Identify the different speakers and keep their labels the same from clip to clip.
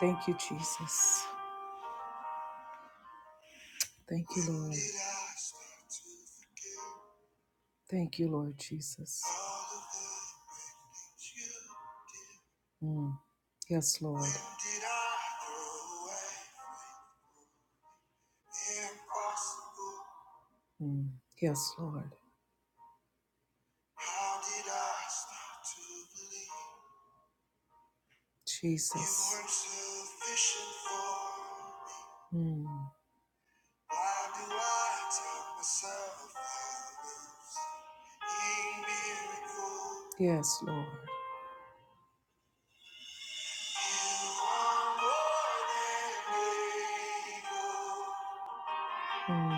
Speaker 1: Thank you, Jesus. Thank you, Lord. Thank you, Lord Jesus. Mm. Yes, Lord. Mm. Yes, Lord. Jesus. Mm. Yes, Lord. Mm. Mm.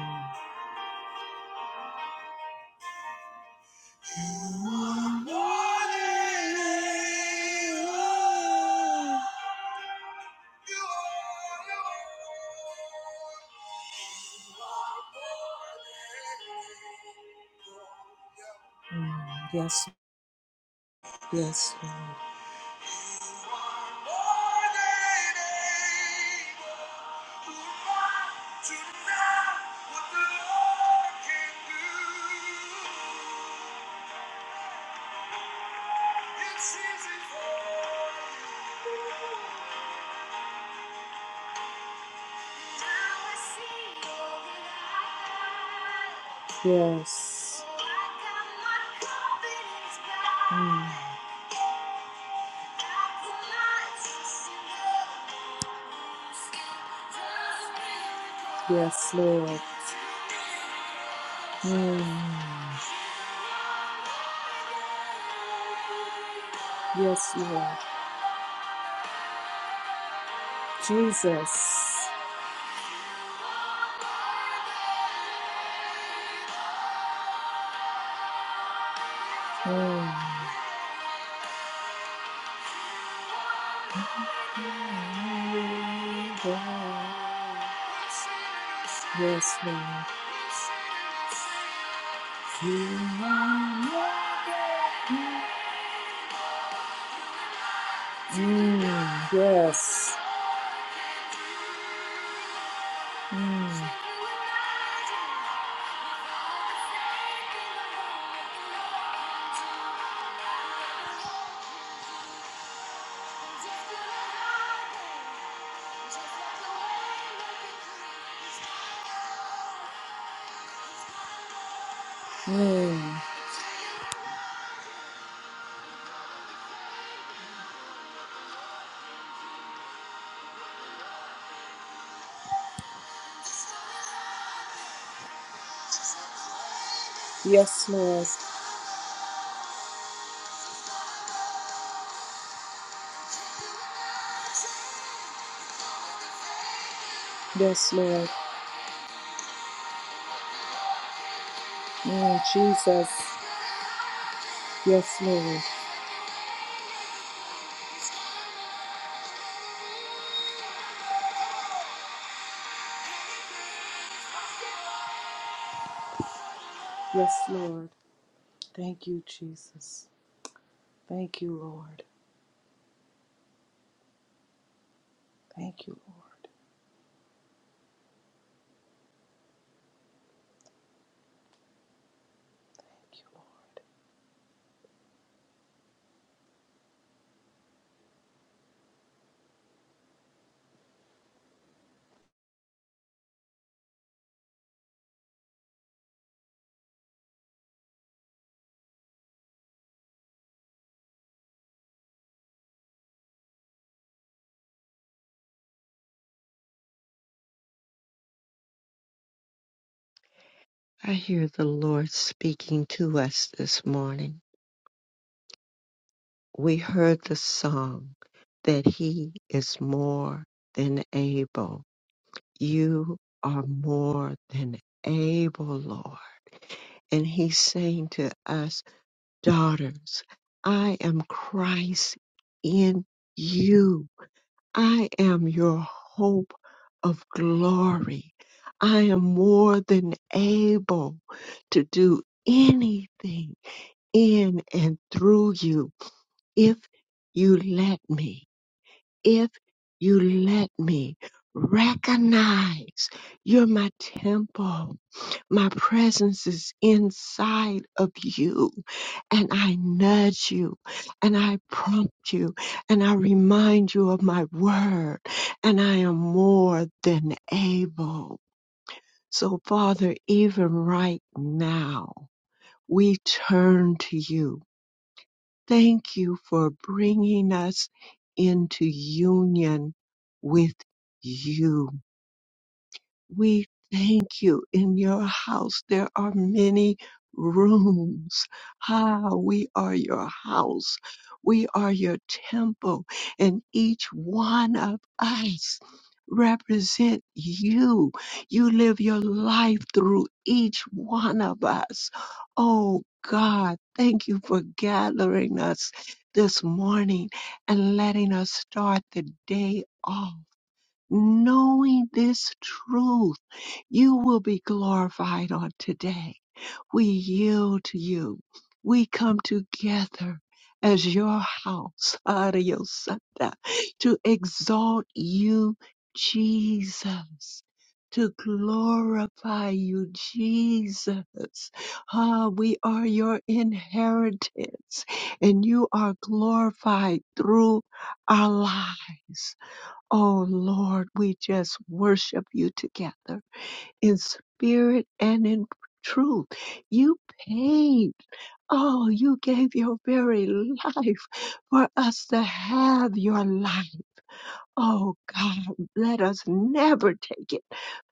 Speaker 1: Yes, yes, Lord. Yes. Mm. Yes, Lord. Mm. Yes, Lord. Jesus. Mm. Yes, Lord. Mm, yes. Mm, mm. Yes, Lord. Yes, Lord. Mm, Jesus. Yes, Lord. Yes, Lord. Thank you, Jesus. Thank you, Lord. Thank you, Lord. Thank you, Lord.
Speaker 2: I hear the Lord speaking to us this morning. We heard the song that He is more than able. You are more than able, Lord. And He's saying to us, daughters, I am Christ in you. I am your hope of glory. I am more than able to do anything in and through you if you let me, if you let me recognize you're my temple. My presence is inside of you and I nudge you and I prompt you and I remind you of my word and I am more than able. So Father, even right now, we turn to you Thank you for bringing us into union with you. We thank you. In your house, there are many rooms. Ah, we are your house. We are your temple. And each one of us represent you. You live your life through each one of us. Oh, God, thank you for gathering us this morning and letting us start the day off knowing this truth. You will be glorified on today. We yield to you. We come together as your house, Ariosata, to exalt you, Jesus. To glorify you, Jesus. Ah, we are your inheritance, and you are glorified through our lives. Oh Lord, we just worship you together in spirit and in truth. You paid. Oh, you gave your very life for us to have your life. Oh God, let us never take it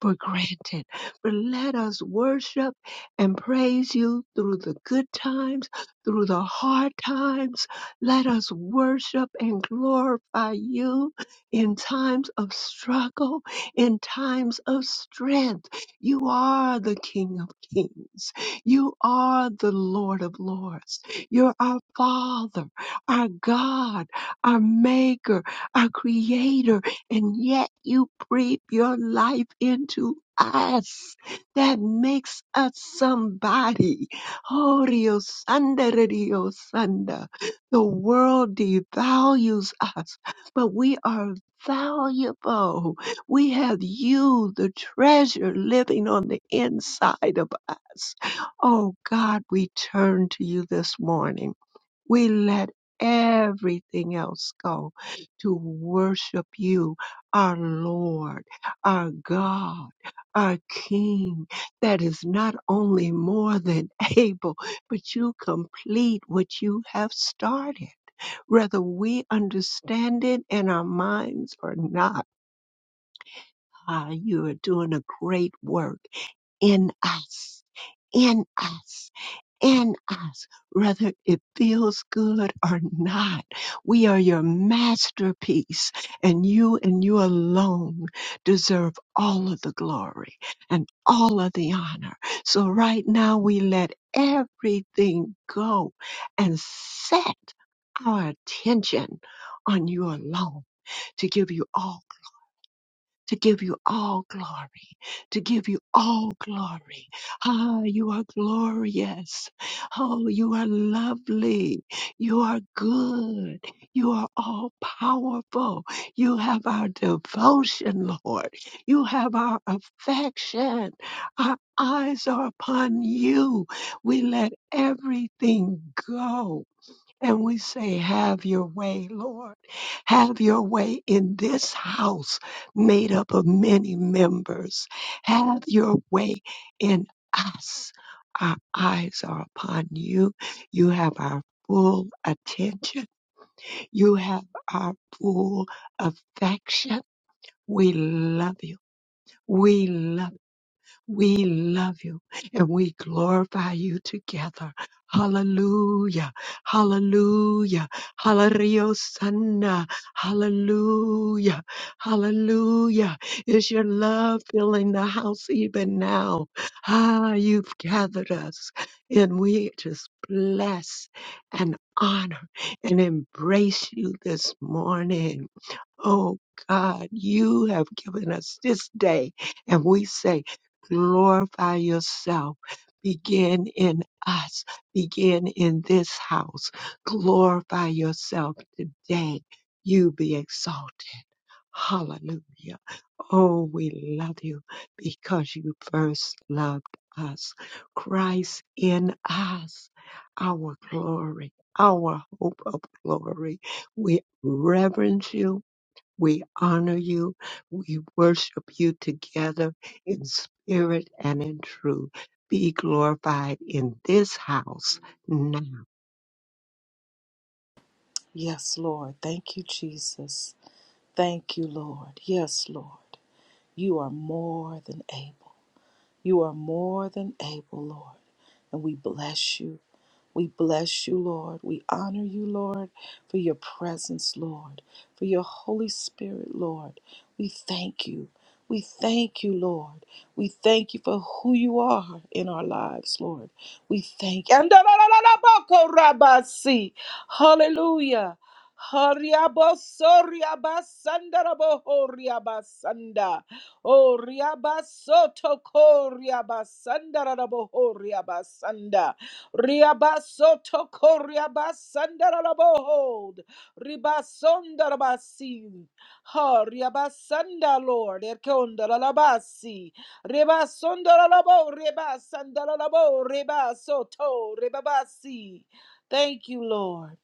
Speaker 2: for granted, but let us worship and praise you through the good times, through the hard times. Let us worship and glorify you in times of struggle, in times of strength. You are the King of Kings. You are the Lord of Lords. You're our Father, our God, our Maker our creator, and yet you breathe your life into us. That makes us somebody. Oh, Dios Sanda, Dios Sanda. The world devalues us, but we are valuable. We have you, the treasure, living on the inside of us. Oh, God, we turn to you this morning. We let everything else go to worship you, our Lord, our God, our King, that is not only more than able, but you complete what you have started. Whether we understand it in our minds or not, ah, you are doing a great work in us, in us in us, whether it feels good or not. We are your masterpiece, and you and you alone deserve all of the glory and all of the honor. So right now we let everything go and set our attention on you alone to give you all to give you all glory, to give you all glory. Ah, you are glorious. Oh, you are lovely. You are good. You are all powerful. You have our devotion, Lord. You have our affection. Our eyes are upon you. We let everything go and we say, Have your way, Lord. Have your way in this house made up of many members. Have your way in us. Our eyes are upon you. You have our full attention. You have our full affection. We love you. We love we love you and we glorify you together. Hallelujah. Hallelujah. Hallelujah. Sanna. Hallelujah. Hallelujah. Is your love filling the house even now? Ah, you've gathered us and we just bless and honor and embrace you this morning. Oh God, you have given us this day, and we say, glorify yourself. Begin in us, begin in this house. Glorify yourself today. You be exalted. Hallelujah. Oh, we love you because you first loved us. Christ in us, our glory, our hope of glory. We reverence you we honor you. We worship you together in spirit and in truth. Be glorified in this house now.
Speaker 1: Yes, Lord. Thank you, Jesus. Thank you, Lord. Yes, Lord. You are more than able. You are more than able, Lord. And we bless you. We bless you, Lord. We honor you, Lord, for your presence, Lord, for your Holy Spirit, Lord. We thank you. We thank you, Lord. We thank you for who you are in our lives, Lord. We thank you. Hallelujah. Hariaboso riabasanda raboho riabasanda. O riabasoto ko riabasanda raboho riabasanda. Riabasoto ko riabasanda raboho. Ribasonda rabasi. Ha Lord. Erkonda rabasi. Ribasonda rabo ribasanda rabo ribasoto ribabasi. Thank you, Lord.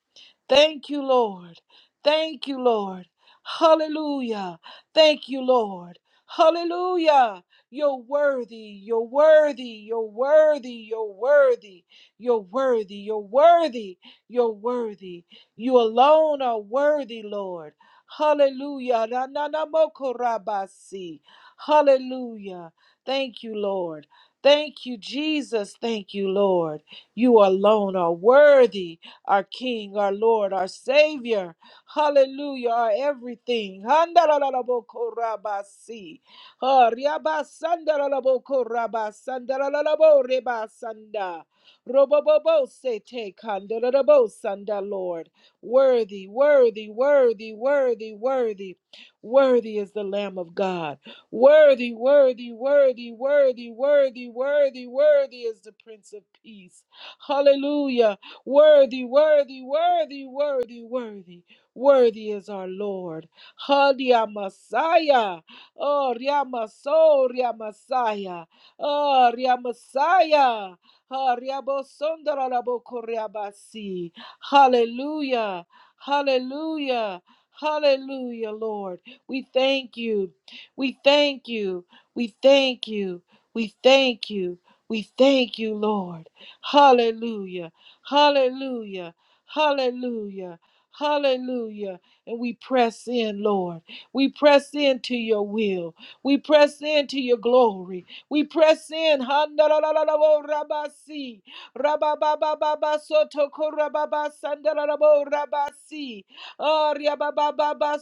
Speaker 1: Thank you, Lord. Thank you, Lord. Hallelujah. Thank you, Lord. Hallelujah. You're worthy. You're worthy. You're worthy. You're worthy. You're worthy. You're worthy. You're worthy. You alone are worthy, Lord. Hallelujah. Na- na- na- mo- ko- ra- ba- si. Hallelujah. Thank you, Lord. Thank you, Jesus. Thank you, Lord. You alone are worthy our King, our Lord, our Savior. Hallelujah, our everything. Handalalabokorabasi. Ha, riabasandalalabokораbasandalalalaborebasanda. Robobobosete kandalalabosanda, Lord. Worthy, worthy, worthy, worthy, worthy. Worthy is the Lamb of God. Worthy, worthy, worthy, worthy, worthy, worthy, worthy is the Prince of Peace. Hallelujah. Worthy, worthy, worthy, worthy, worthy. Worthy is our Lord. Hadia Messiah. Oh, Riamaso, Riamasaya. Oh, Riamasaya. Ha, Riabosondarabokoriabasi. Hallelujah. Hallelujah. Hallelujah, Lord. We thank you. We thank you. We thank you. We thank you. We thank you, Lord. Hallelujah. Hallelujah. Hallelujah. Hallelujah. And we press in, Lord. We press into your will. We press into your glory. We press in. Handalalabo Rabasi. Rabababa Sotoko Rababa Sandalalabo Rabasi. Arya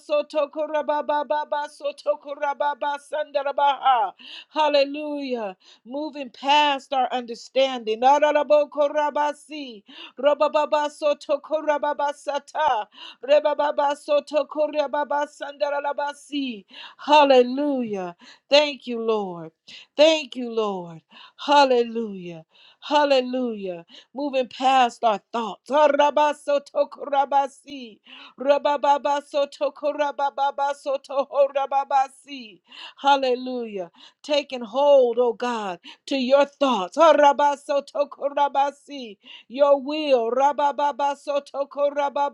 Speaker 1: Sotoko Rababa Sotoko Rababa Sandalabaha. Hallelujah. Moving past our understanding. Naralabo Korabasi. Rababa Sotoko Rababa Sata re ba ba ba Hallelujah. Thank you, Lord. Thank you, Lord. Hallelujah. Hallelujah. Moving past our thoughts. ha ra ba so to ko ra Hallelujah. Taking hold, oh God, to your thoughts. ha ra Your will. ra ba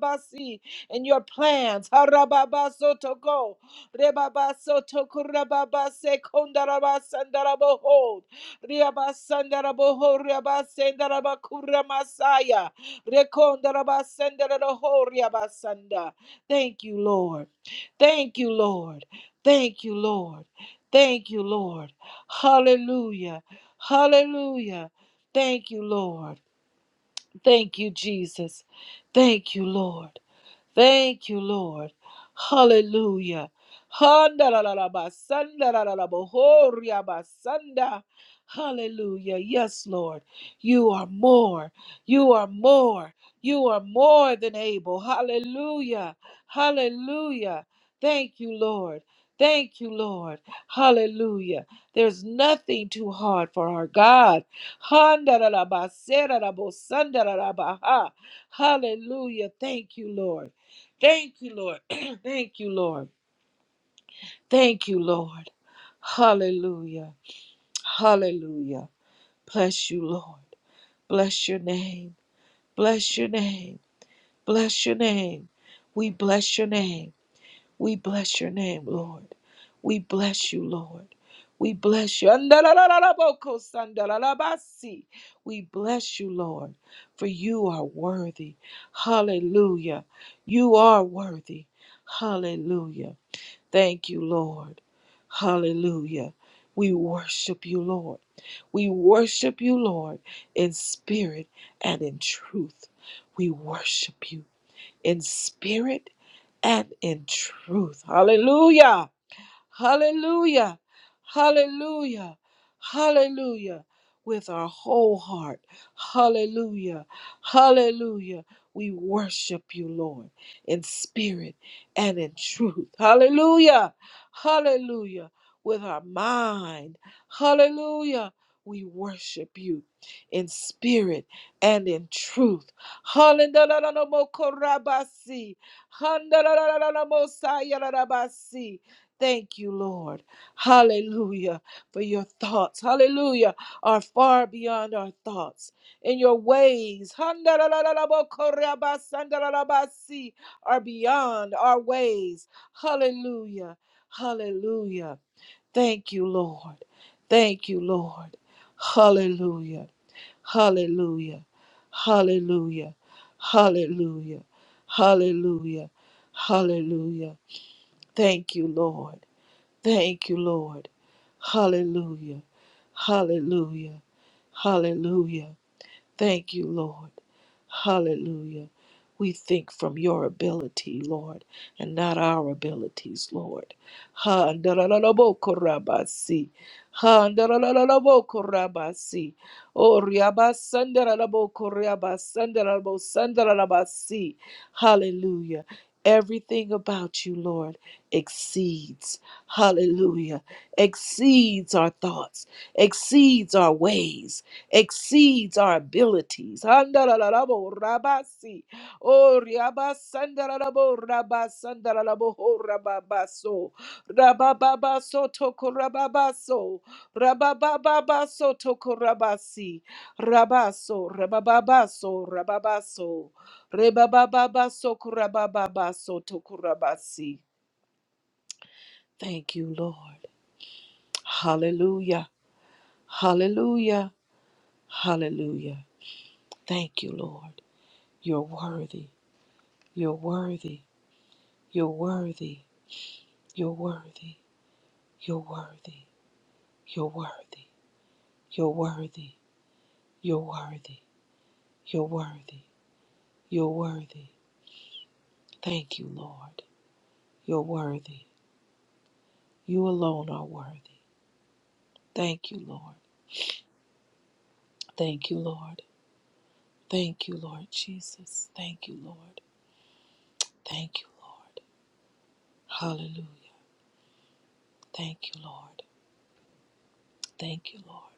Speaker 1: ba and your plans. Harababasotoko, rebabasotoko, rababasekondarabasandarabo, riabasandaraboho, riabasendarabakuremasaya, rekondarabasendarabo, riabasanda. Thank you, Lord. Thank you, Lord. Thank you, Lord. Thank you, Lord. Hallelujah. Hallelujah. Thank you, Lord. Thank you, Jesus. Thank you, Lord. Thank you, Lord. Hallelujah. Handalalabasandalalalabohoriabasanda. Hallelujah. Yes, Lord. You are more. You are more. You are more than able. Hallelujah. Hallelujah. Thank you, Lord. Thank you, Lord. Hallelujah. There's nothing too hard for our God. Handarabba, serarabbo, sandarabba, Hallelujah. Thank you, Lord. Thank you, Lord. Thank you, Lord. Thank you, Lord. Hallelujah. Hallelujah. Bless you, Lord. Bless your name. Bless your name. Bless your name. We bless your name. We bless your name, Lord. We bless you, Lord. We bless you. Andalalalabokosandalabasi. We bless you, Lord, for you are worthy. Hallelujah. You are worthy. Hallelujah. Thank you, Lord. Hallelujah. We worship you, Lord. We worship you, Lord, in spirit and in truth. We worship you in spirit and in truth. Hallelujah. Hallelujah. Hallelujah. Hallelujah. With our whole heart. Hallelujah. Hallelujah. We worship you, Lord, in spirit and in truth. Hallelujah. Hallelujah. With our mind. Hallelujah. We worship you in spirit and in truth. Hallelujah. Thank you, Lord. Hallelujah. For your thoughts, hallelujah, are far beyond our thoughts. In your ways, handalalabokorabasandalalabasi, are beyond our ways. Hallelujah. Hallelujah. Thank you, Lord. Thank you, Lord. Hallelujah. Hallelujah. Hallelujah. Hallelujah. Hallelujah. Hallelujah. Thank you, Lord. Thank you, Lord. Hallelujah. Hallelujah. Hallelujah. Thank you, Lord. Hallelujah. We think from your ability, Lord, and not our abilities, Lord. Ha ndarararabokorabasi. Ha ndarararabokorabasi. O riabasandarabokorabasandarabosandalabasi. Hallelujah. Everything about you, Lord, exceeds. Hallelujah. Exceeds our thoughts, exceeds our ways, exceeds our abilities. Handarararabo rabasi. Oh, riabasandararabo rabasandararabo ho rababaso. Rabababaso tokorababaso. Rabababaso tokorabasi. Rabaso, rabababaso, rababaso. Rebabababaso korabababaso tokorabasi. Thank you, Lord. Hallelujah. Hallelujah. Hallelujah. Thank you, Lord. You're worthy. You're worthy. You're worthy. You're worthy. You're worthy. You're worthy. You're worthy. You're worthy. You're worthy. You're worthy. Thank you, Lord. You're worthy. You alone are worthy. Thank you, Lord. Thank you, Lord. Thank you, Lord Jesus. Thank you, Lord. Thank you, Lord. Hallelujah. Thank you, Lord. Thank you, Lord.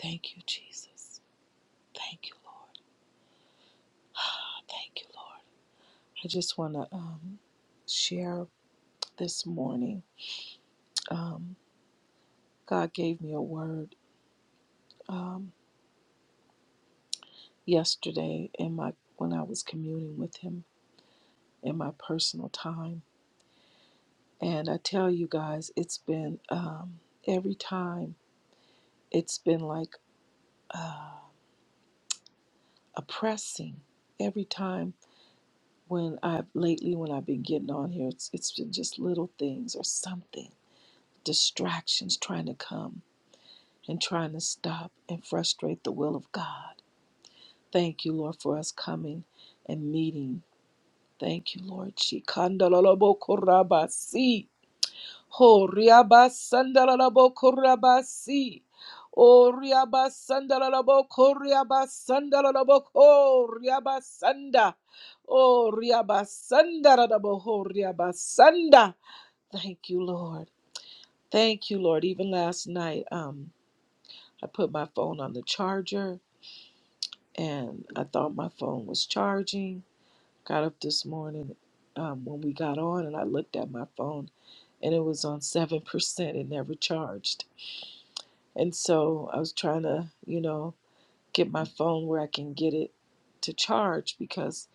Speaker 1: Thank you, Jesus. Thank you, Lord. Thank you, Lord. I just want to um, share this morning. Um, God gave me a word um, yesterday in my when I was communing with Him in my personal time, and I tell you guys, it's been um, every time it's been like uh, oppressing. Every time when I've lately when I've been getting on here, it's it's been just little things or something distractions trying to come and trying to stop and frustrate the will of God. Thank you, Lord, for us coming and meeting. Thank you, Lord. Shikandalabokorabasi. Ho riabasandalabokorabasi. O riabasandalabokoriabasandalaboko riabasanda. O riabasandalaboho riabasanda. Thank you, Lord. Thank you, Lord. Even last night, um, I put my phone on the charger and I thought my phone was charging. Got up this morning um, when we got on and I looked at my phone and it was on 7%. It never charged. And so I was trying to, you know, get my phone where I can get it to charge because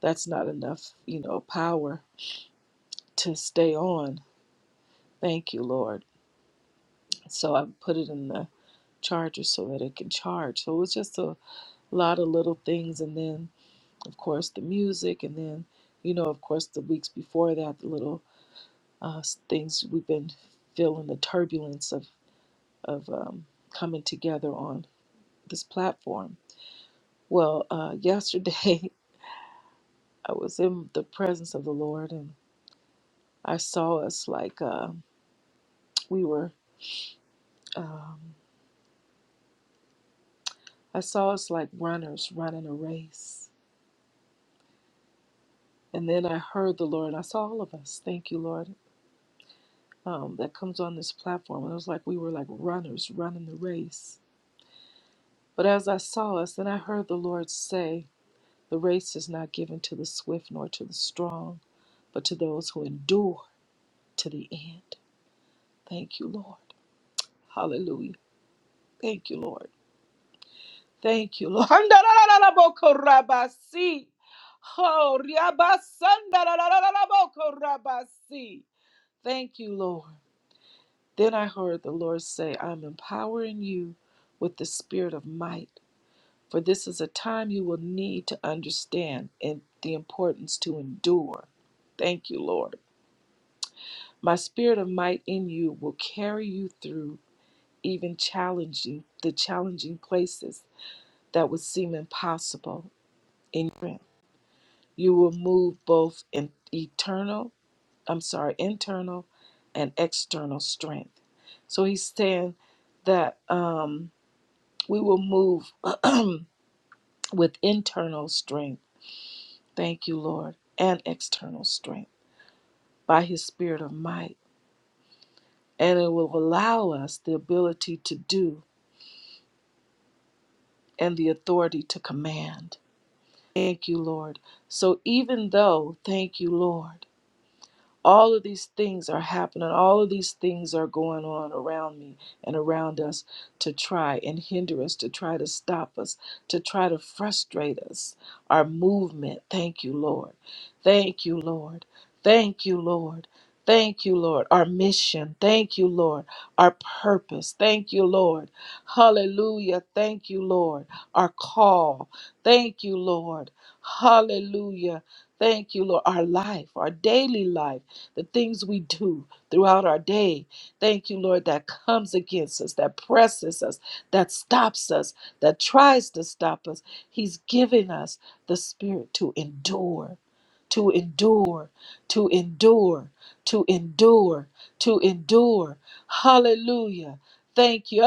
Speaker 1: that's not enough, you know, power to stay on. Thank you, Lord. So I put it in the charger so that it can charge. So it was just a lot of little things. And then of course, the music, and then, you know, of course, the weeks before that, the little uh, s- things we've been feeling the turbulence of of um, coming together on this platform. Well, uh, yesterday I was in the presence of the Lord, and I saw us like uh, we were. Um, I saw us like runners running a race. And then I heard the Lord. I saw all of us. Thank you, Lord. Um, that comes on this platform. And it was like we were like runners running the race But as I saw us, then I heard the Lord say, The race is not given to the swift nor to the strong, but to those who endure to the end. Thank you, Lord. Hallelujah. Thank you, Lord. Thank you, Lord. Handarabokorabasi. Oh, riabasandarabokor Thank you, Lord. Then I heard the Lord say, I'm empowering you with the spirit of might For this is a time you will need to understand and the importance to endure. Thank you, Lord. My spirit of might in you will carry you through even challenging the challenging places that would seem impossible in strength. You will move both in eternal, I'm sorry, internal and external strength. So he's saying that um, we will move with internal strength Thank you, Lord, and external strength by His Spirit of might. And it will allow us the ability to do and the authority to command. Thank you, Lord. So even though, thank you, Lord. All of these things are happening. All of these things are going on around me and around us to try and hinder us, to try to stop us, to try to frustrate us. Our movement. Thank you, Lord. Thank you, Lord. Thank you, Lord. Thank you, Lord. Our mission. Thank you, Lord. Our purpose. Thank you, Lord. Hallelujah. Thank you, Lord. Our call. Thank you, Lord. Hallelujah. Thank you, Lord, our life, our daily life, the things we do throughout our day. Thank you, Lord, that comes against us, that presses us, that stops us, that tries to stop us. He's given us the spirit to endure, to endure, to endure, to endure, to endure. Hallelujah. Thank you.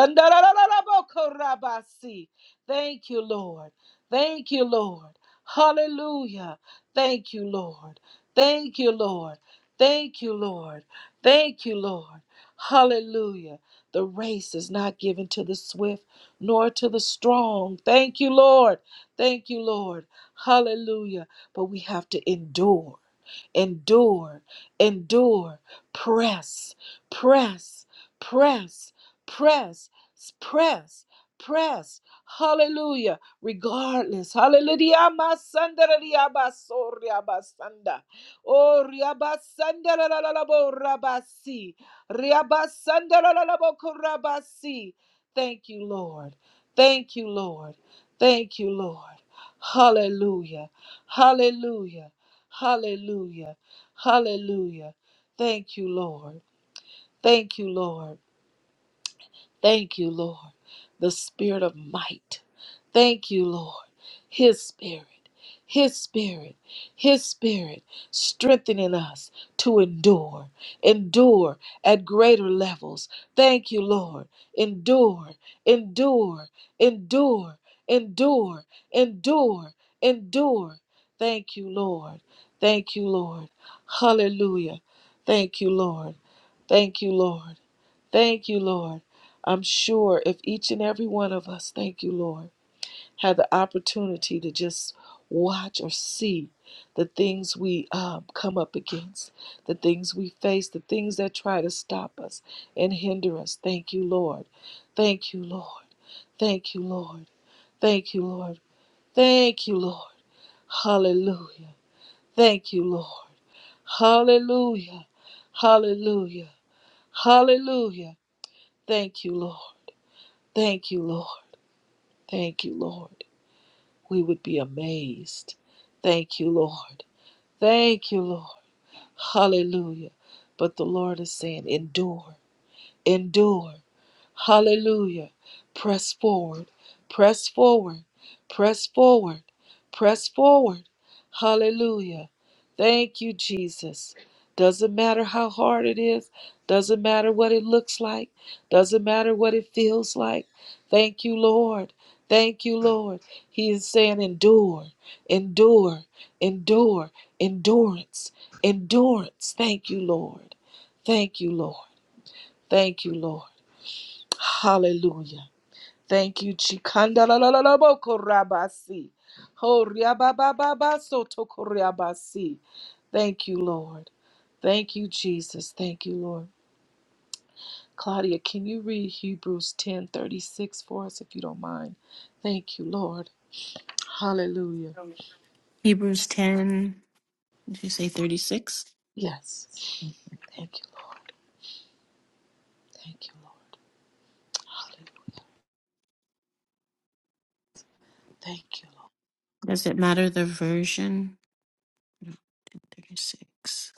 Speaker 1: Thank you, Lord. Thank you, Lord. Hallelujah. Thank you, Lord. Thank you, Lord. Thank you, Lord. Thank you, Lord. Hallelujah. The race is not given to the swift nor to the strong. Thank you, Lord. Thank you, Lord. Hallelujah. But we have to endure endure, endure, press, press, press, press, press, press. Hallelujah. Regardless. Hallelujah. Masandara riabaso riabasanda. Oh, riabasandara lalabo rabasi. Riabasandara lalabo korabasi. Thank you, Lord. Thank you, Lord. Thank you, Lord. Hallelujah. Hallelujah. Hallelujah. Hallelujah. Thank you, Lord. Thank you, Lord. Thank you, Lord, the spirit of might. Thank you, Lord, His spirit, His spirit, His spirit strengthening us to endure, endure at greater levels. Thank you, Lord, endure, endure, endure, endure, endure, endure. Thank you, Lord. Thank you, Lord. Hallelujah. Thank you, Lord. Thank you, Lord. Thank you, Lord. I'm sure if each and every one of us, thank you, Lord, had the opportunity to just watch or see the things we um, come up against, the things we face, the things that try to stop us and hinder us. Thank you, Lord. Thank you, Lord. Thank you, Lord. Thank you, Lord. Thank you, Lord. Hallelujah. Thank you, Lord. Hallelujah. Hallelujah. Hallelujah. Thank you, Lord. Thank you, Lord. Thank you, Lord. We would be amazed. Thank you, Lord. Thank you, Lord. Hallelujah. But the Lord is saying, endure, endure. Hallelujah. Press forward, press forward, press forward, press forward. Hallelujah. Thank you, Jesus. Doesn't matter how hard it is, doesn't matter what it looks like, doesn't matter what it feels like. Thank you, Lord. Thank you, Lord. He is saying, endure, endure, endure, endurance, endurance. Thank you, Lord. Thank you, Lord. Thank you, Lord. Hallelujah. Thank you, Chikandalalabokorabasi. Horiababababasotokorabasi. Thank you, Lord. Thank you, Jesus. Thank you, Lord. Claudia, can you read Hebrews 10 36 for us if you don't mind? Thank you, Lord. Hallelujah.
Speaker 3: Hebrews 10, did you say 36,
Speaker 1: Yes. Thank you, Lord. Thank you, Lord. Hallelujah. Thank you, Lord.
Speaker 3: does it matter the version? No, ten 36.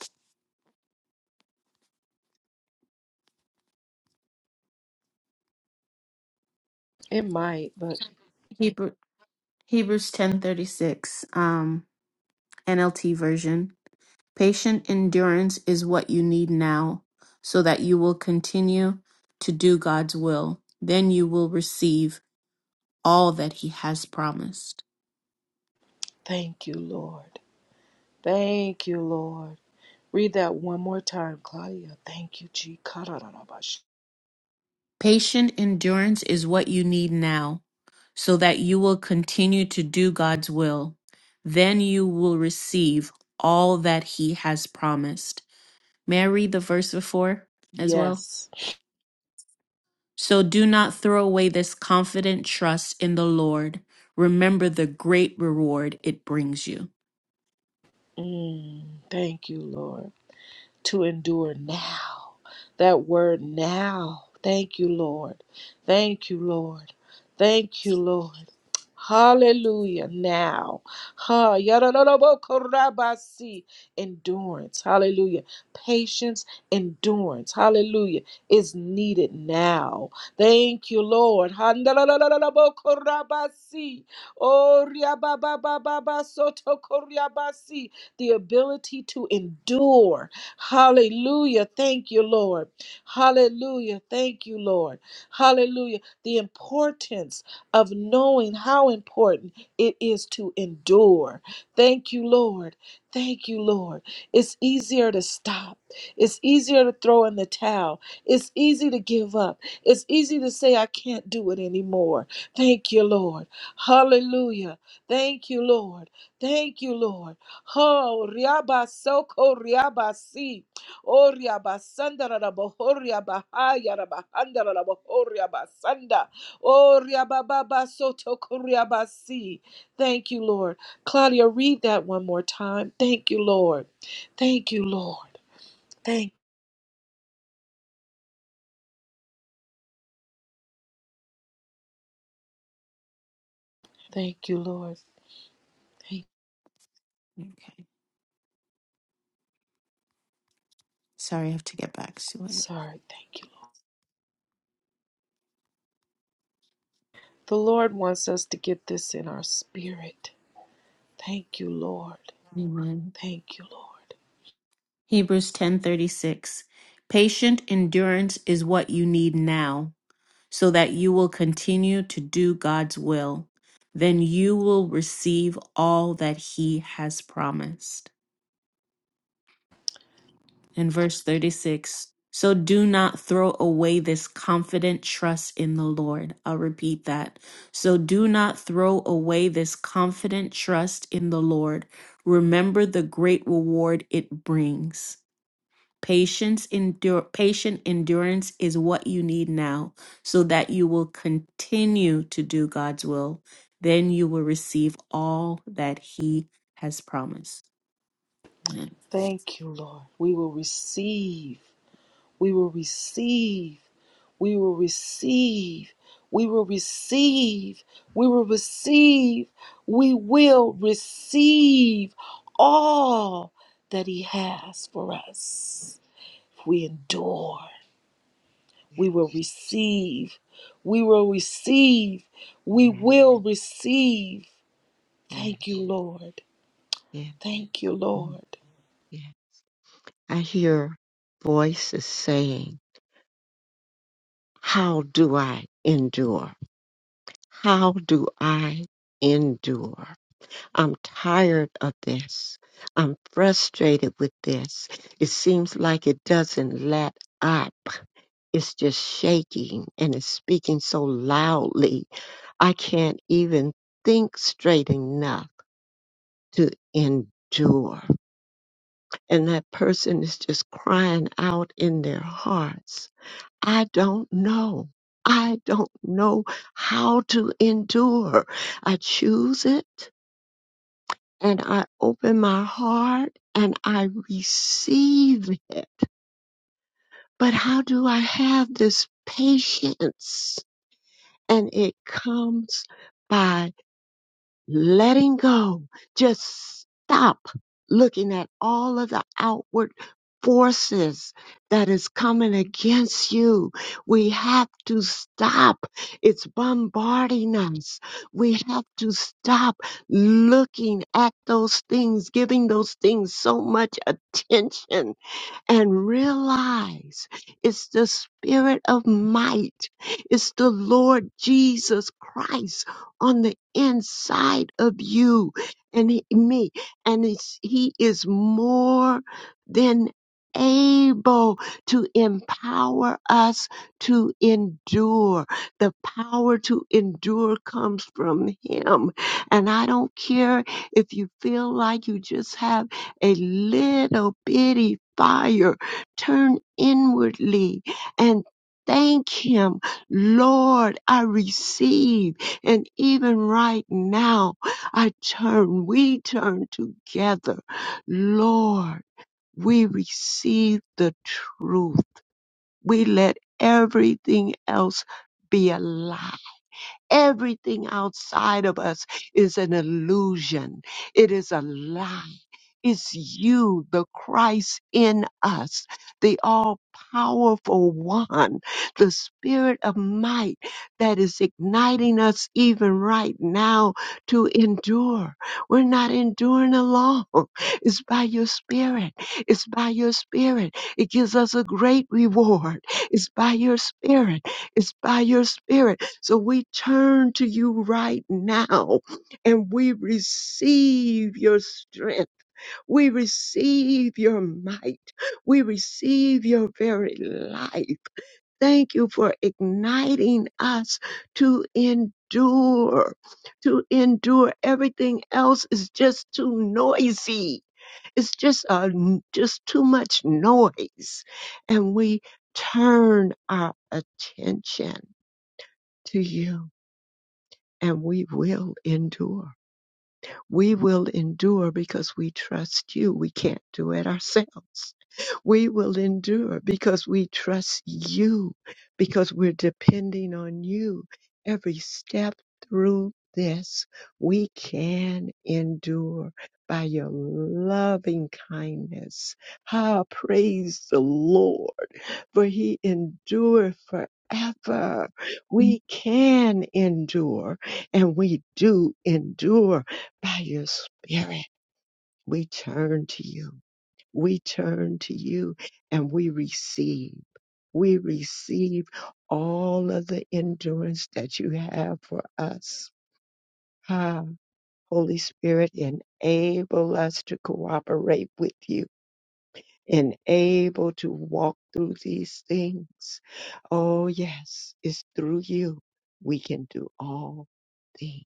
Speaker 1: It might, but
Speaker 3: Hebrew, Hebrews 10 36. um, NLT version. Patient endurance is what you need now so that you will continue to do God's will. Then you will receive all that he has promised.
Speaker 1: thank you, Lord. Thank you, Lord. Read that one more time, Claudia. Thank you, G.
Speaker 3: Patient endurance is what you need now, so that you will continue to do God's will. Then you will receive all that He has promised. May I read the verse before as well?
Speaker 1: Yes.
Speaker 3: So do not throw away this confident trust in the Lord. Remember the great reward it brings you.
Speaker 1: Mm, thank you, Lord. To endure now. That word now. Thank you, Lord. Thank you, Lord. Thank you, Lord. Hallelujah. Now. Ha yadadadabokorabasi. endurance. Hallelujah. Patience, endurance. Hallelujah. Is needed now. Thank you, Lord. Handalalabokorabasi. Oh riabababababasotokoryabasi. the ability to endure. Hallelujah. Thank you, Lord. Hallelujah. Thank you, Lord. Hallelujah. The importance of knowing how important it is to endure. Thank you, Lord. Thank you, Lord. It's easier to stop. It's easier to throw in the towel. It's easy to give up. It's easy to say, I can't do it anymore. Thank you, Lord. Hallelujah. Thank you, Lord. Thank you, Lord. Oh, riaba soko riaba si. Oh, riaba sanda raba, oh, riaba haya raba, handa raba, oh, riaba Oh, riababa soto kuriabasi. Thank you, Lord. Claudia, read that one more time. Thank you, Lord. Thank you, Lord. Thank, thank you, Lord. Thank,
Speaker 3: Okay. Sorry, I have to get back to it.
Speaker 1: sorry, thank you. Lord. The Lord wants us to get this in our spirit. Thank you, Lord.
Speaker 3: Amen.
Speaker 1: Thank you, Lord.
Speaker 3: Hebrews 10:36. Patient endurance is what you need now so that you will continue to do God's will. Then you will receive all that He has promised. In verse 36 So do not throw away this confident trust in the Lord. I'll repeat that. So do not throw away this confident trust in the Lord. Remember the great reward it brings. Patience endure patient endurance is what you need now so that you will continue to do God's will. Then you will receive all that he has promised. Amen.
Speaker 1: Thank you, Lord. We will receive. We will receive. We will receive. We will receive. We will receive. We will receive all that He has for us. If we endure,
Speaker 2: Yeah,
Speaker 1: we will receive. We will receive. We
Speaker 2: yeah,
Speaker 1: will receive.
Speaker 2: yeah,
Speaker 1: Thank you, Lord.
Speaker 2: yes,
Speaker 1: Thank you,
Speaker 2: yeah,
Speaker 1: Lord.
Speaker 2: yeah. I hear voices saying, How do I endure? How do I endure? I'm tired of this. I'm frustrated with this. It seems like it doesn't let up. It's just shaking and it's speaking so loudly. I can't even think straight enough to endure. And that person is just crying out in their hearts. I don't know. I don't know how to endure. I choose it and I open my heart and I receive it. But how do I have this patience? and it comes by letting go. Just stop looking at all of the outward forces that is coming against you. We have to stop. It's bombarding us. We have to stop looking at those things, giving those things so much attention and realize it's the spirit of might. It's the Lord Jesus Christ on the inside of you and he- me. And it's, he is more than able to empower us to endure. The power to endure comes from him. And I don't care if you feel like you just have a little bitty fire. Turn inwardly and thank Him. Lord, I receive. And even right now, I turn, we turn together. Lord, we receive the truth. We let everything else be a lie. Everything outside of us is an illusion. It is a lie. It's you, the Christ in us, the all powerful one, the spirit of might that is igniting us even right now to endure. We're not enduring alone. It's by your spirit. It's by your spirit. It gives us a great reward. It's by your spirit. It's by your spirit. So we turn to you right now and we receive your strength we receive your might. We receive your very life. Thank you for igniting us to endure. To endure everything else is just too noisy. It's just a, just too much noise. And we turn our attention to you and we will endure. We will endure because we trust you. We can't do it ourselves. We will endure because we trust you, because we're depending on you every step through this. We can endure by your loving kindness. Ah, praise the Lord, for he endureth forever. We can endure and we do endure by your spirit. We turn to you. We turn to you and we receive. We receive all of the endurance that you have for us. Ah, Holy Spirit, enable us to cooperate with you and able to walk through these things. Oh, yes, it's through you we can do all things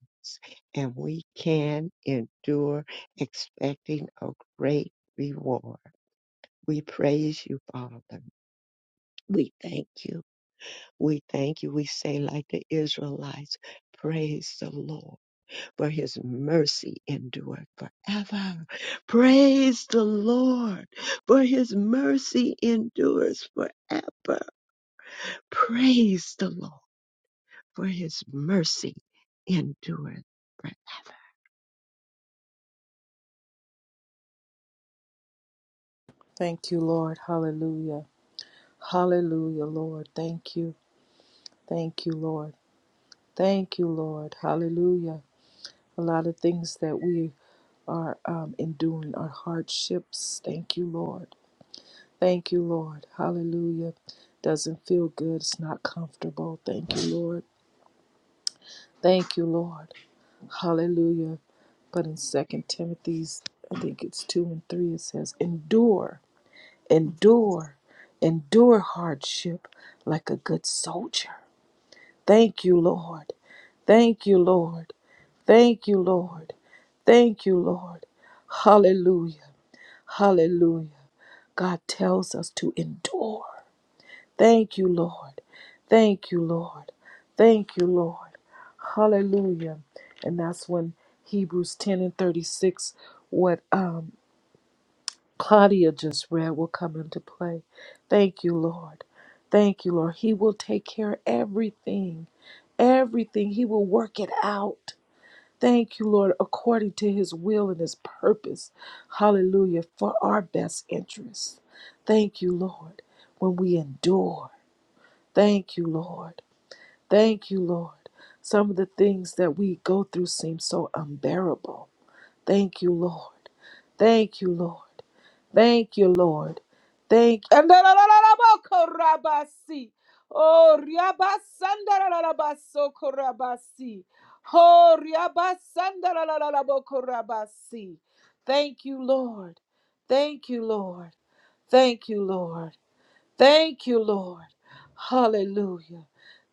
Speaker 2: and we can endure expecting a great reward. We praise you, Father. We thank you. We thank you. We say, like the Israelites, praise the Lord for his mercy endureth forever. Praise the Lord, for his mercy endures forever. Praise the Lord, for his mercy endureth forever.
Speaker 1: Thank you, Lord. Hallelujah. Hallelujah, Lord. Thank you. Thank you, Lord. Thank you, Lord. Hallelujah. A lot of things that we are um, enduring are hardships. Thank you, Lord. Thank you, Lord. Hallelujah. Doesn't feel good. It's not comfortable. Thank you, Lord. Thank you, Lord. Hallelujah. But in Second Timothy's, I think it's 2 and 3, it says, Endure, endure, endure hardship like a good soldier. Thank you, Lord. Thank you, Lord. Thank you, Lord. Thank you, Lord. Hallelujah. Hallelujah. God tells us to endure. Thank you, Lord. Thank you, Lord. Thank you, Lord. Hallelujah. And that's when Hebrews 10 and 36, what um, Claudia just read, will come into play. Thank you, Lord. Thank you, Lord. He will take care of everything. Everything. He will work it out. Thank you, Lord, according to his will and his purpose. Hallelujah, for our best interests. Thank you, Lord, when we endure. Thank you, Lord. Thank you, Lord. Some of the things that we go through seem so unbearable. Thank you, Lord. Thank you, Lord. Thank you, Lord. Thank and da- da- da- da- da- bo Andarararabokorabasi. Oh, riabasandarararabasokorabasi. Oh, riabasanda da- da- da- da- bo riabasandarararabokorabasi. Thank you, Lord. Thank you, Lord. Thank you, Lord. Thank you, Lord. Hallelujah.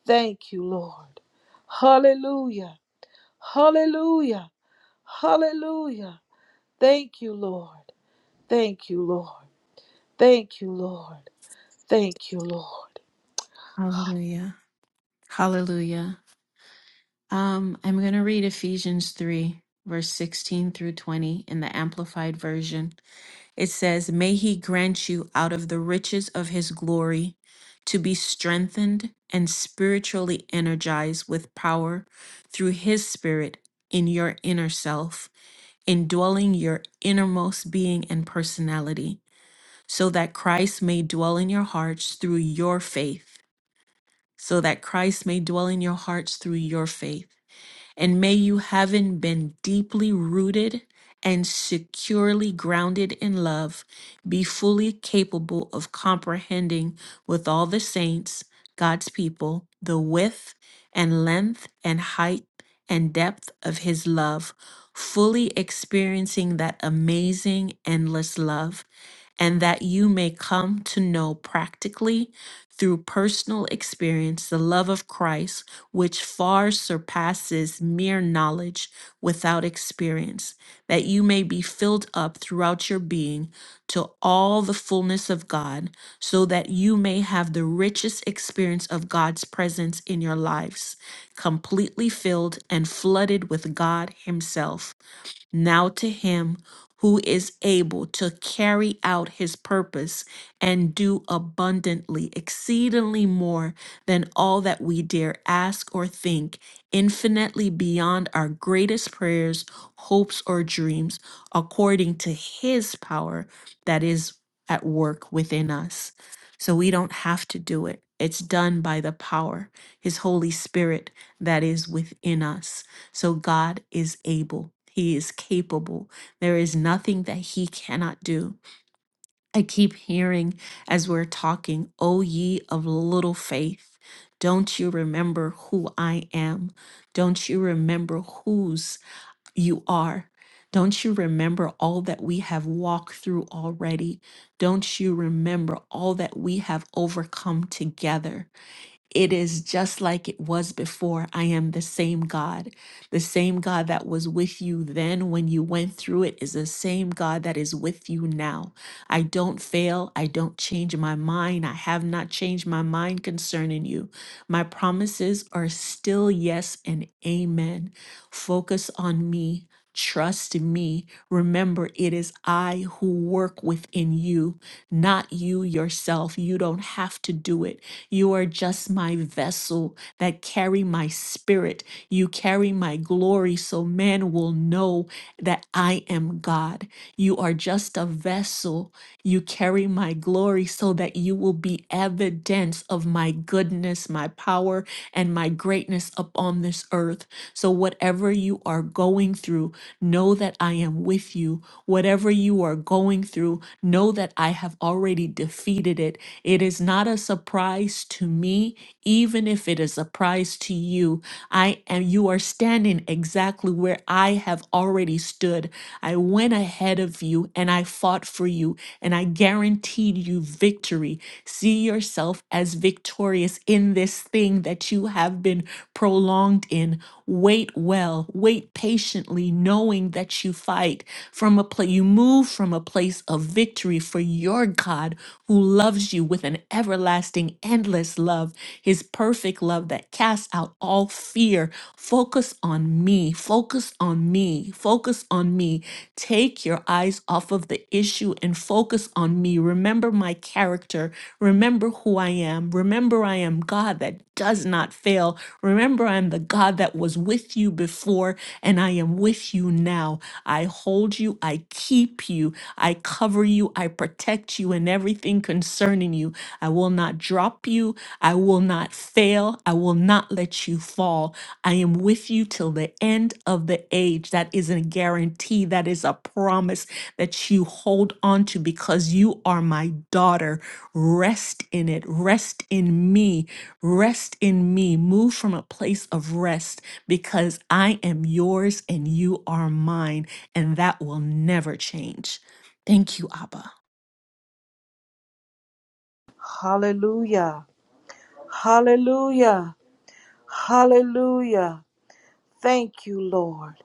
Speaker 1: Thank you, Lord. Hallelujah. Hallelujah. Hallelujah. Thank you, Lord. Thank you, Lord. Thank you, Lord. Thank you, Lord.
Speaker 3: Hallelujah. Hallelujah. Um I'm going to read Ephesians 3 verse 16 through 20 in the amplified version. It says, May he grant you out of the riches of his glory to be strengthened and spiritually energized with power through his spirit in your inner self, indwelling your innermost being and personality, so that Christ may dwell in your hearts through your faith. So that Christ may dwell in your hearts through your faith and may you, having been deeply rooted and securely grounded in love, be fully capable of comprehending with all the saints, God's people, the width and length and height and depth of his love, fully experiencing that amazing, endless love, and that you may come to know practically through personal experience the love of Christ, which far surpasses mere knowledge without experience, that you may be filled up throughout your being to all the fullness of God, so that you may have the richest experience of God's presence in your lives, completely filled and flooded with God Himself. Now to him who is able to carry out his purpose and do abundantly, exceedingly more than all that we dare ask or think, infinitely beyond our greatest prayers, hopes, or dreams, according to his power that is at work within us. So we don't have to do it. It's done by the power, his Holy Spirit that is within us. So God is able. He is capable. There is nothing that he cannot do. I keep hearing as we're talking, O ye of little faith, don't you remember who I am? Don't you remember whose you are? Don't you remember all that we have walked through already? Don't you remember all that we have overcome together? It is just like it was before. I am the same God. The same God that was with you then when you went through it is the same God that is with you now. I don't fail. I don't change my mind. I have not changed my mind concerning you. My promises are still yes and amen. Focus on me. Trust me. Remember, it is I who work within you, not you yourself. You don't have to do it. You are just my vessel that carry my spirit. You carry my glory so man will know that I am God. You are just a vessel. You carry my glory so that you will be evidence of my goodness, my power, and my greatness upon this earth. So whatever you are going through, know that I am with you. Whatever you are going through, know that I have already defeated it it is not a surprise to me, even if it is a surprise to you. I am you are standing exactly where I have already stood. I went ahead of you and I fought for you and I guaranteed you victory. See yourself as victorious in this thing that you have been prolonged in. Wait well, wait patiently, knowing that you fight from a place, you move from a place of victory for your God who loves you with an everlasting, endless love, his perfect love that casts out all fear. Focus on me, focus on me, focus on me. Take your eyes off of the issue and focus on me. Remember my character. Remember who I am. Remember I am God that does not fail. Remember I'm the God that was with you before and I am with you now. I hold you, I keep you, I cover you, I protect you in everything concerning you. I will not drop you, I will not fail, I will not let you fall. I am with you till the end of the age. That is a guarantee, that is a promise, that you hold on to because you are my daughter. Rest in it. Rest in me. Rest in me. Move from a place of rest because I am yours and you are mine, and that will never change. Thank you, Abba.
Speaker 1: Hallelujah. Hallelujah. Hallelujah. Thank you, Lord.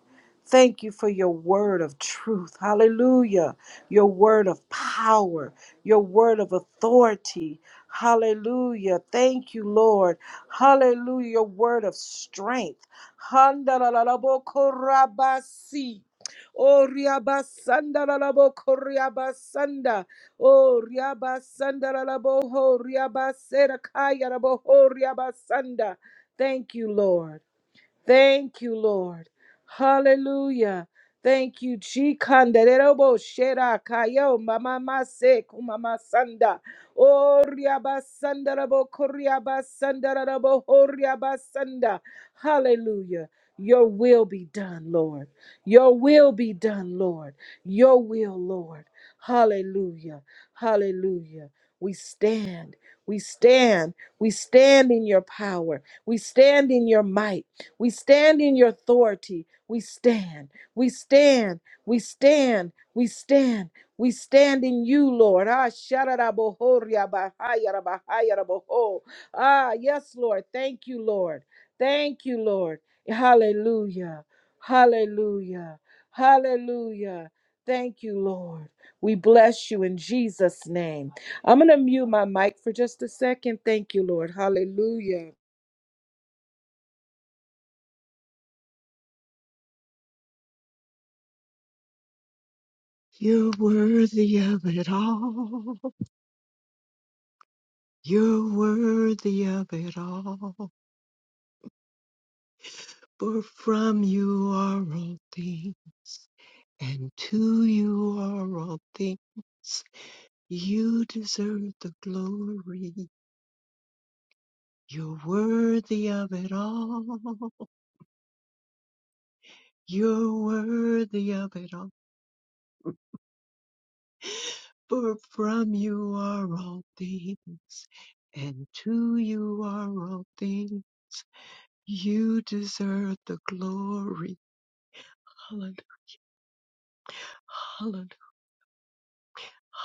Speaker 1: Thank you for your word of truth. Hallelujah. Your word of power, your word of authority. Hallelujah. Thank you, Lord. Hallelujah. Your word of strength. Handalalabokorabasi. Oh, riabasanda lalaboko riabasanda. Oh, riabasanda lalaboho riabasera kaya raboho riabasanda. Thank you, Lord. Thank you, Lord. Hallelujah. Thank you, Chikanderobo Shera Kayo Mama Mase Kumama Sanda Oriaba Sandarabo Koriaba Sandarabo Horiaba Sanda. Hallelujah. Your will be done, Lord. Your will be done, Lord. Your will, Lord. Hallelujah. Hallelujah. We stand. We stand. We stand in your power. We stand in your might. We stand in your authority. We stand. We stand. We stand. We stand. We stand in you, Lord. Ah, shararabohoria bahaya rabahaya raboho. Ah, yes, Lord. Thank you, Lord. Thank you, Lord. Hallelujah. Hallelujah. Hallelujah. Thank you, Lord. We bless you in Jesus' name. I'm going to mute my mic for just a second. Thank you, Lord. Hallelujah.
Speaker 2: You're worthy of it all. You're worthy of it all. For from you are all things, and to you are all things. You deserve the glory. You're worthy of it all. You're worthy of it all. For from you are all things, and to you are all things. You deserve the glory. Hallelujah. Hallelujah.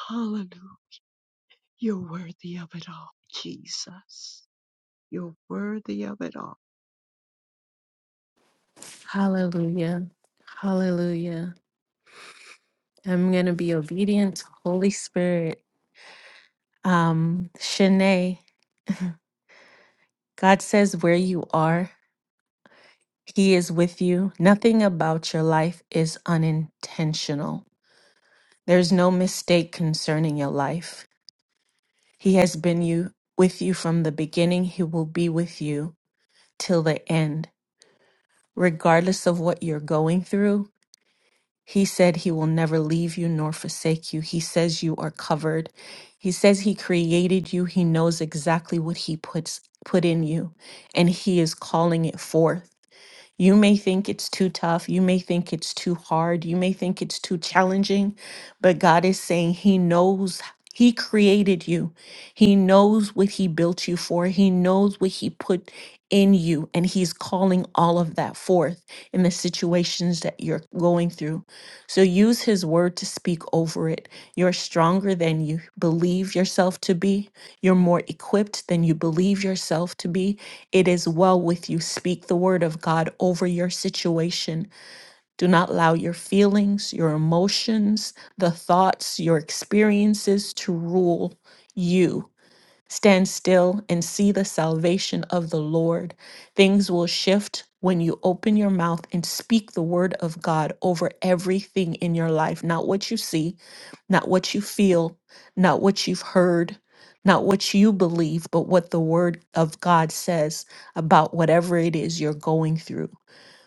Speaker 2: Hallelujah. You're worthy of it all, Jesus. You're worthy of it all.
Speaker 3: Hallelujah. Hallelujah. I'm going to be obedient to Holy Spirit. Um, Shanae, God says where you are. He is with you. Nothing about your life is unintentional. There's no mistake concerning your life. He has been you with you from the beginning. He will be with you till the end. Regardless of what you're going through, he said he will never leave you nor forsake you. He says you are covered. He says he created you. He knows exactly what he puts put in you and he is calling it forth. You may think it's too tough. You may think it's too hard. You may think it's too challenging. But God is saying He knows. He created you. He knows what He built you for. He knows what He put in you. And He's calling all of that forth in the situations that you're going through. So use His word to speak over it. You're stronger than you believe yourself to be. You're more equipped than you believe yourself to be. It is well with you. Speak the word of God over your situation. Do not allow your feelings, your emotions, the thoughts, your experiences to rule you. Stand still and see the salvation of the Lord. Things will shift when you open your mouth and speak the word of God over everything in your life. Not what you see, not what you feel, not what you've heard, not what you believe, but what the word of God says about whatever it is you're going through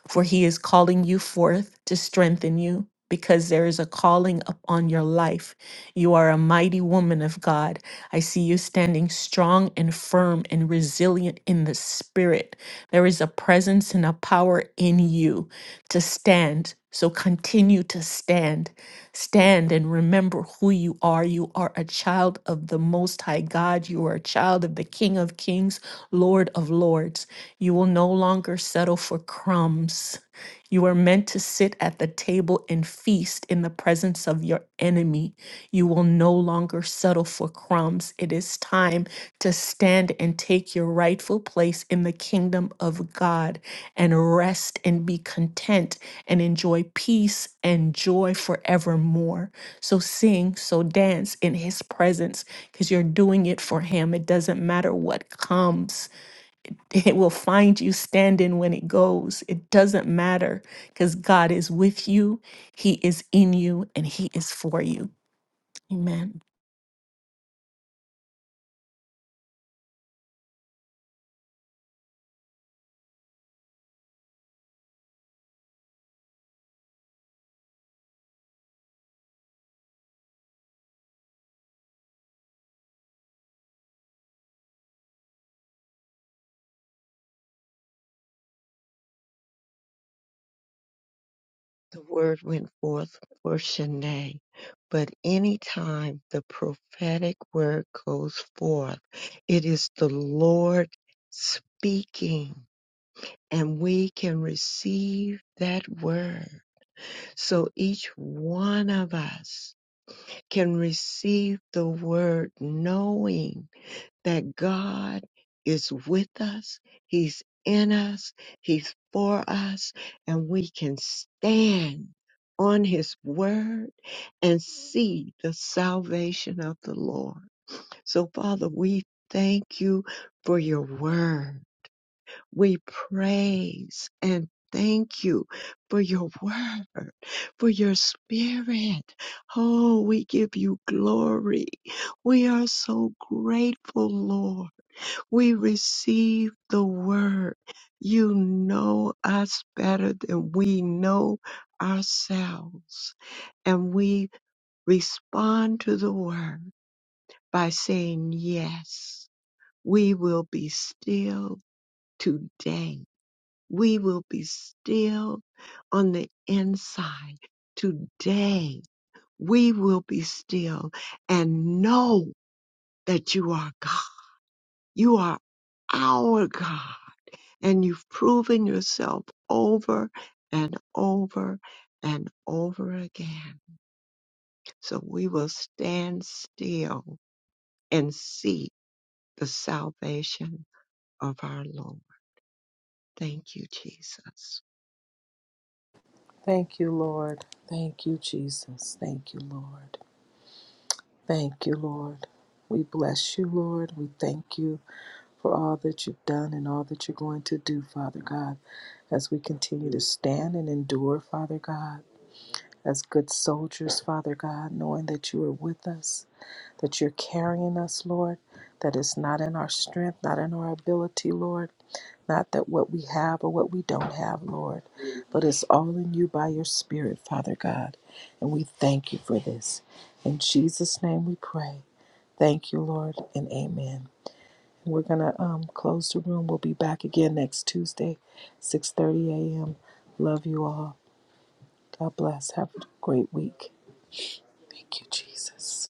Speaker 3: for he is calling you forth to strengthen you because there is a calling upon your life. You are a mighty woman of God. I see you standing strong and firm and resilient in the spirit. There is a presence and a power in you to stand. So continue to stand. Stand and remember who you are. You are a child of the Most High God. You are a child of the King of Kings, Lord of Lords. You will no longer settle for crumbs. You are meant to sit at the table and feast in the presence of your enemy. You will no longer settle for crumbs. It is time to stand and take your rightful place in the kingdom of God and rest and be content and enjoy peace and joy forevermore. So sing, so dance in his presence because you're doing it for him. It doesn't matter what comes. It will find you standing when it goes. It doesn't matter because God is with you, He is in you, and He is for you. Amen.
Speaker 2: The word went forth for Shanae, but any time the prophetic word goes forth, it is the Lord speaking, and we can receive that word. So each one of us can receive the word knowing that God is with us, He's in us, He's for us, and we can stand on His word and see the salvation of the Lord. So, Father, we thank you for your word. We praise and Thank you for your word, for your spirit. Oh, we give you glory. We are so grateful, Lord. We receive the word. You know us better than we know ourselves. And we respond to the word by saying, Yes, we will be still today. We will be still on the inside today. We will be still and know that you are God. You are our God. and you've proven yourself over and over and over again. So we will stand still and see the salvation of our Lord. Thank you, Jesus.
Speaker 1: Thank you, Lord. Thank you, Jesus. Thank you, Lord. Thank you, Lord. We bless you, Lord. We thank you for all that you've done and all that you're going to do, Father God, as we continue to stand and endure, Father God, as good soldiers, Father God, knowing that you are with us. that you're carrying us, Lord, that it's not in our strength, not in our ability, Lord, not that what we have or what we don't have, Lord, but it's all in you by your Spirit, Father God. And we thank you for this. In Jesus' name we pray. Thank you, Lord, and amen. We're going to um, close the room. We'll be back again next Tuesday, 6.30 a.m. Love you all. God bless. Have a great week. Thank you, Jesus.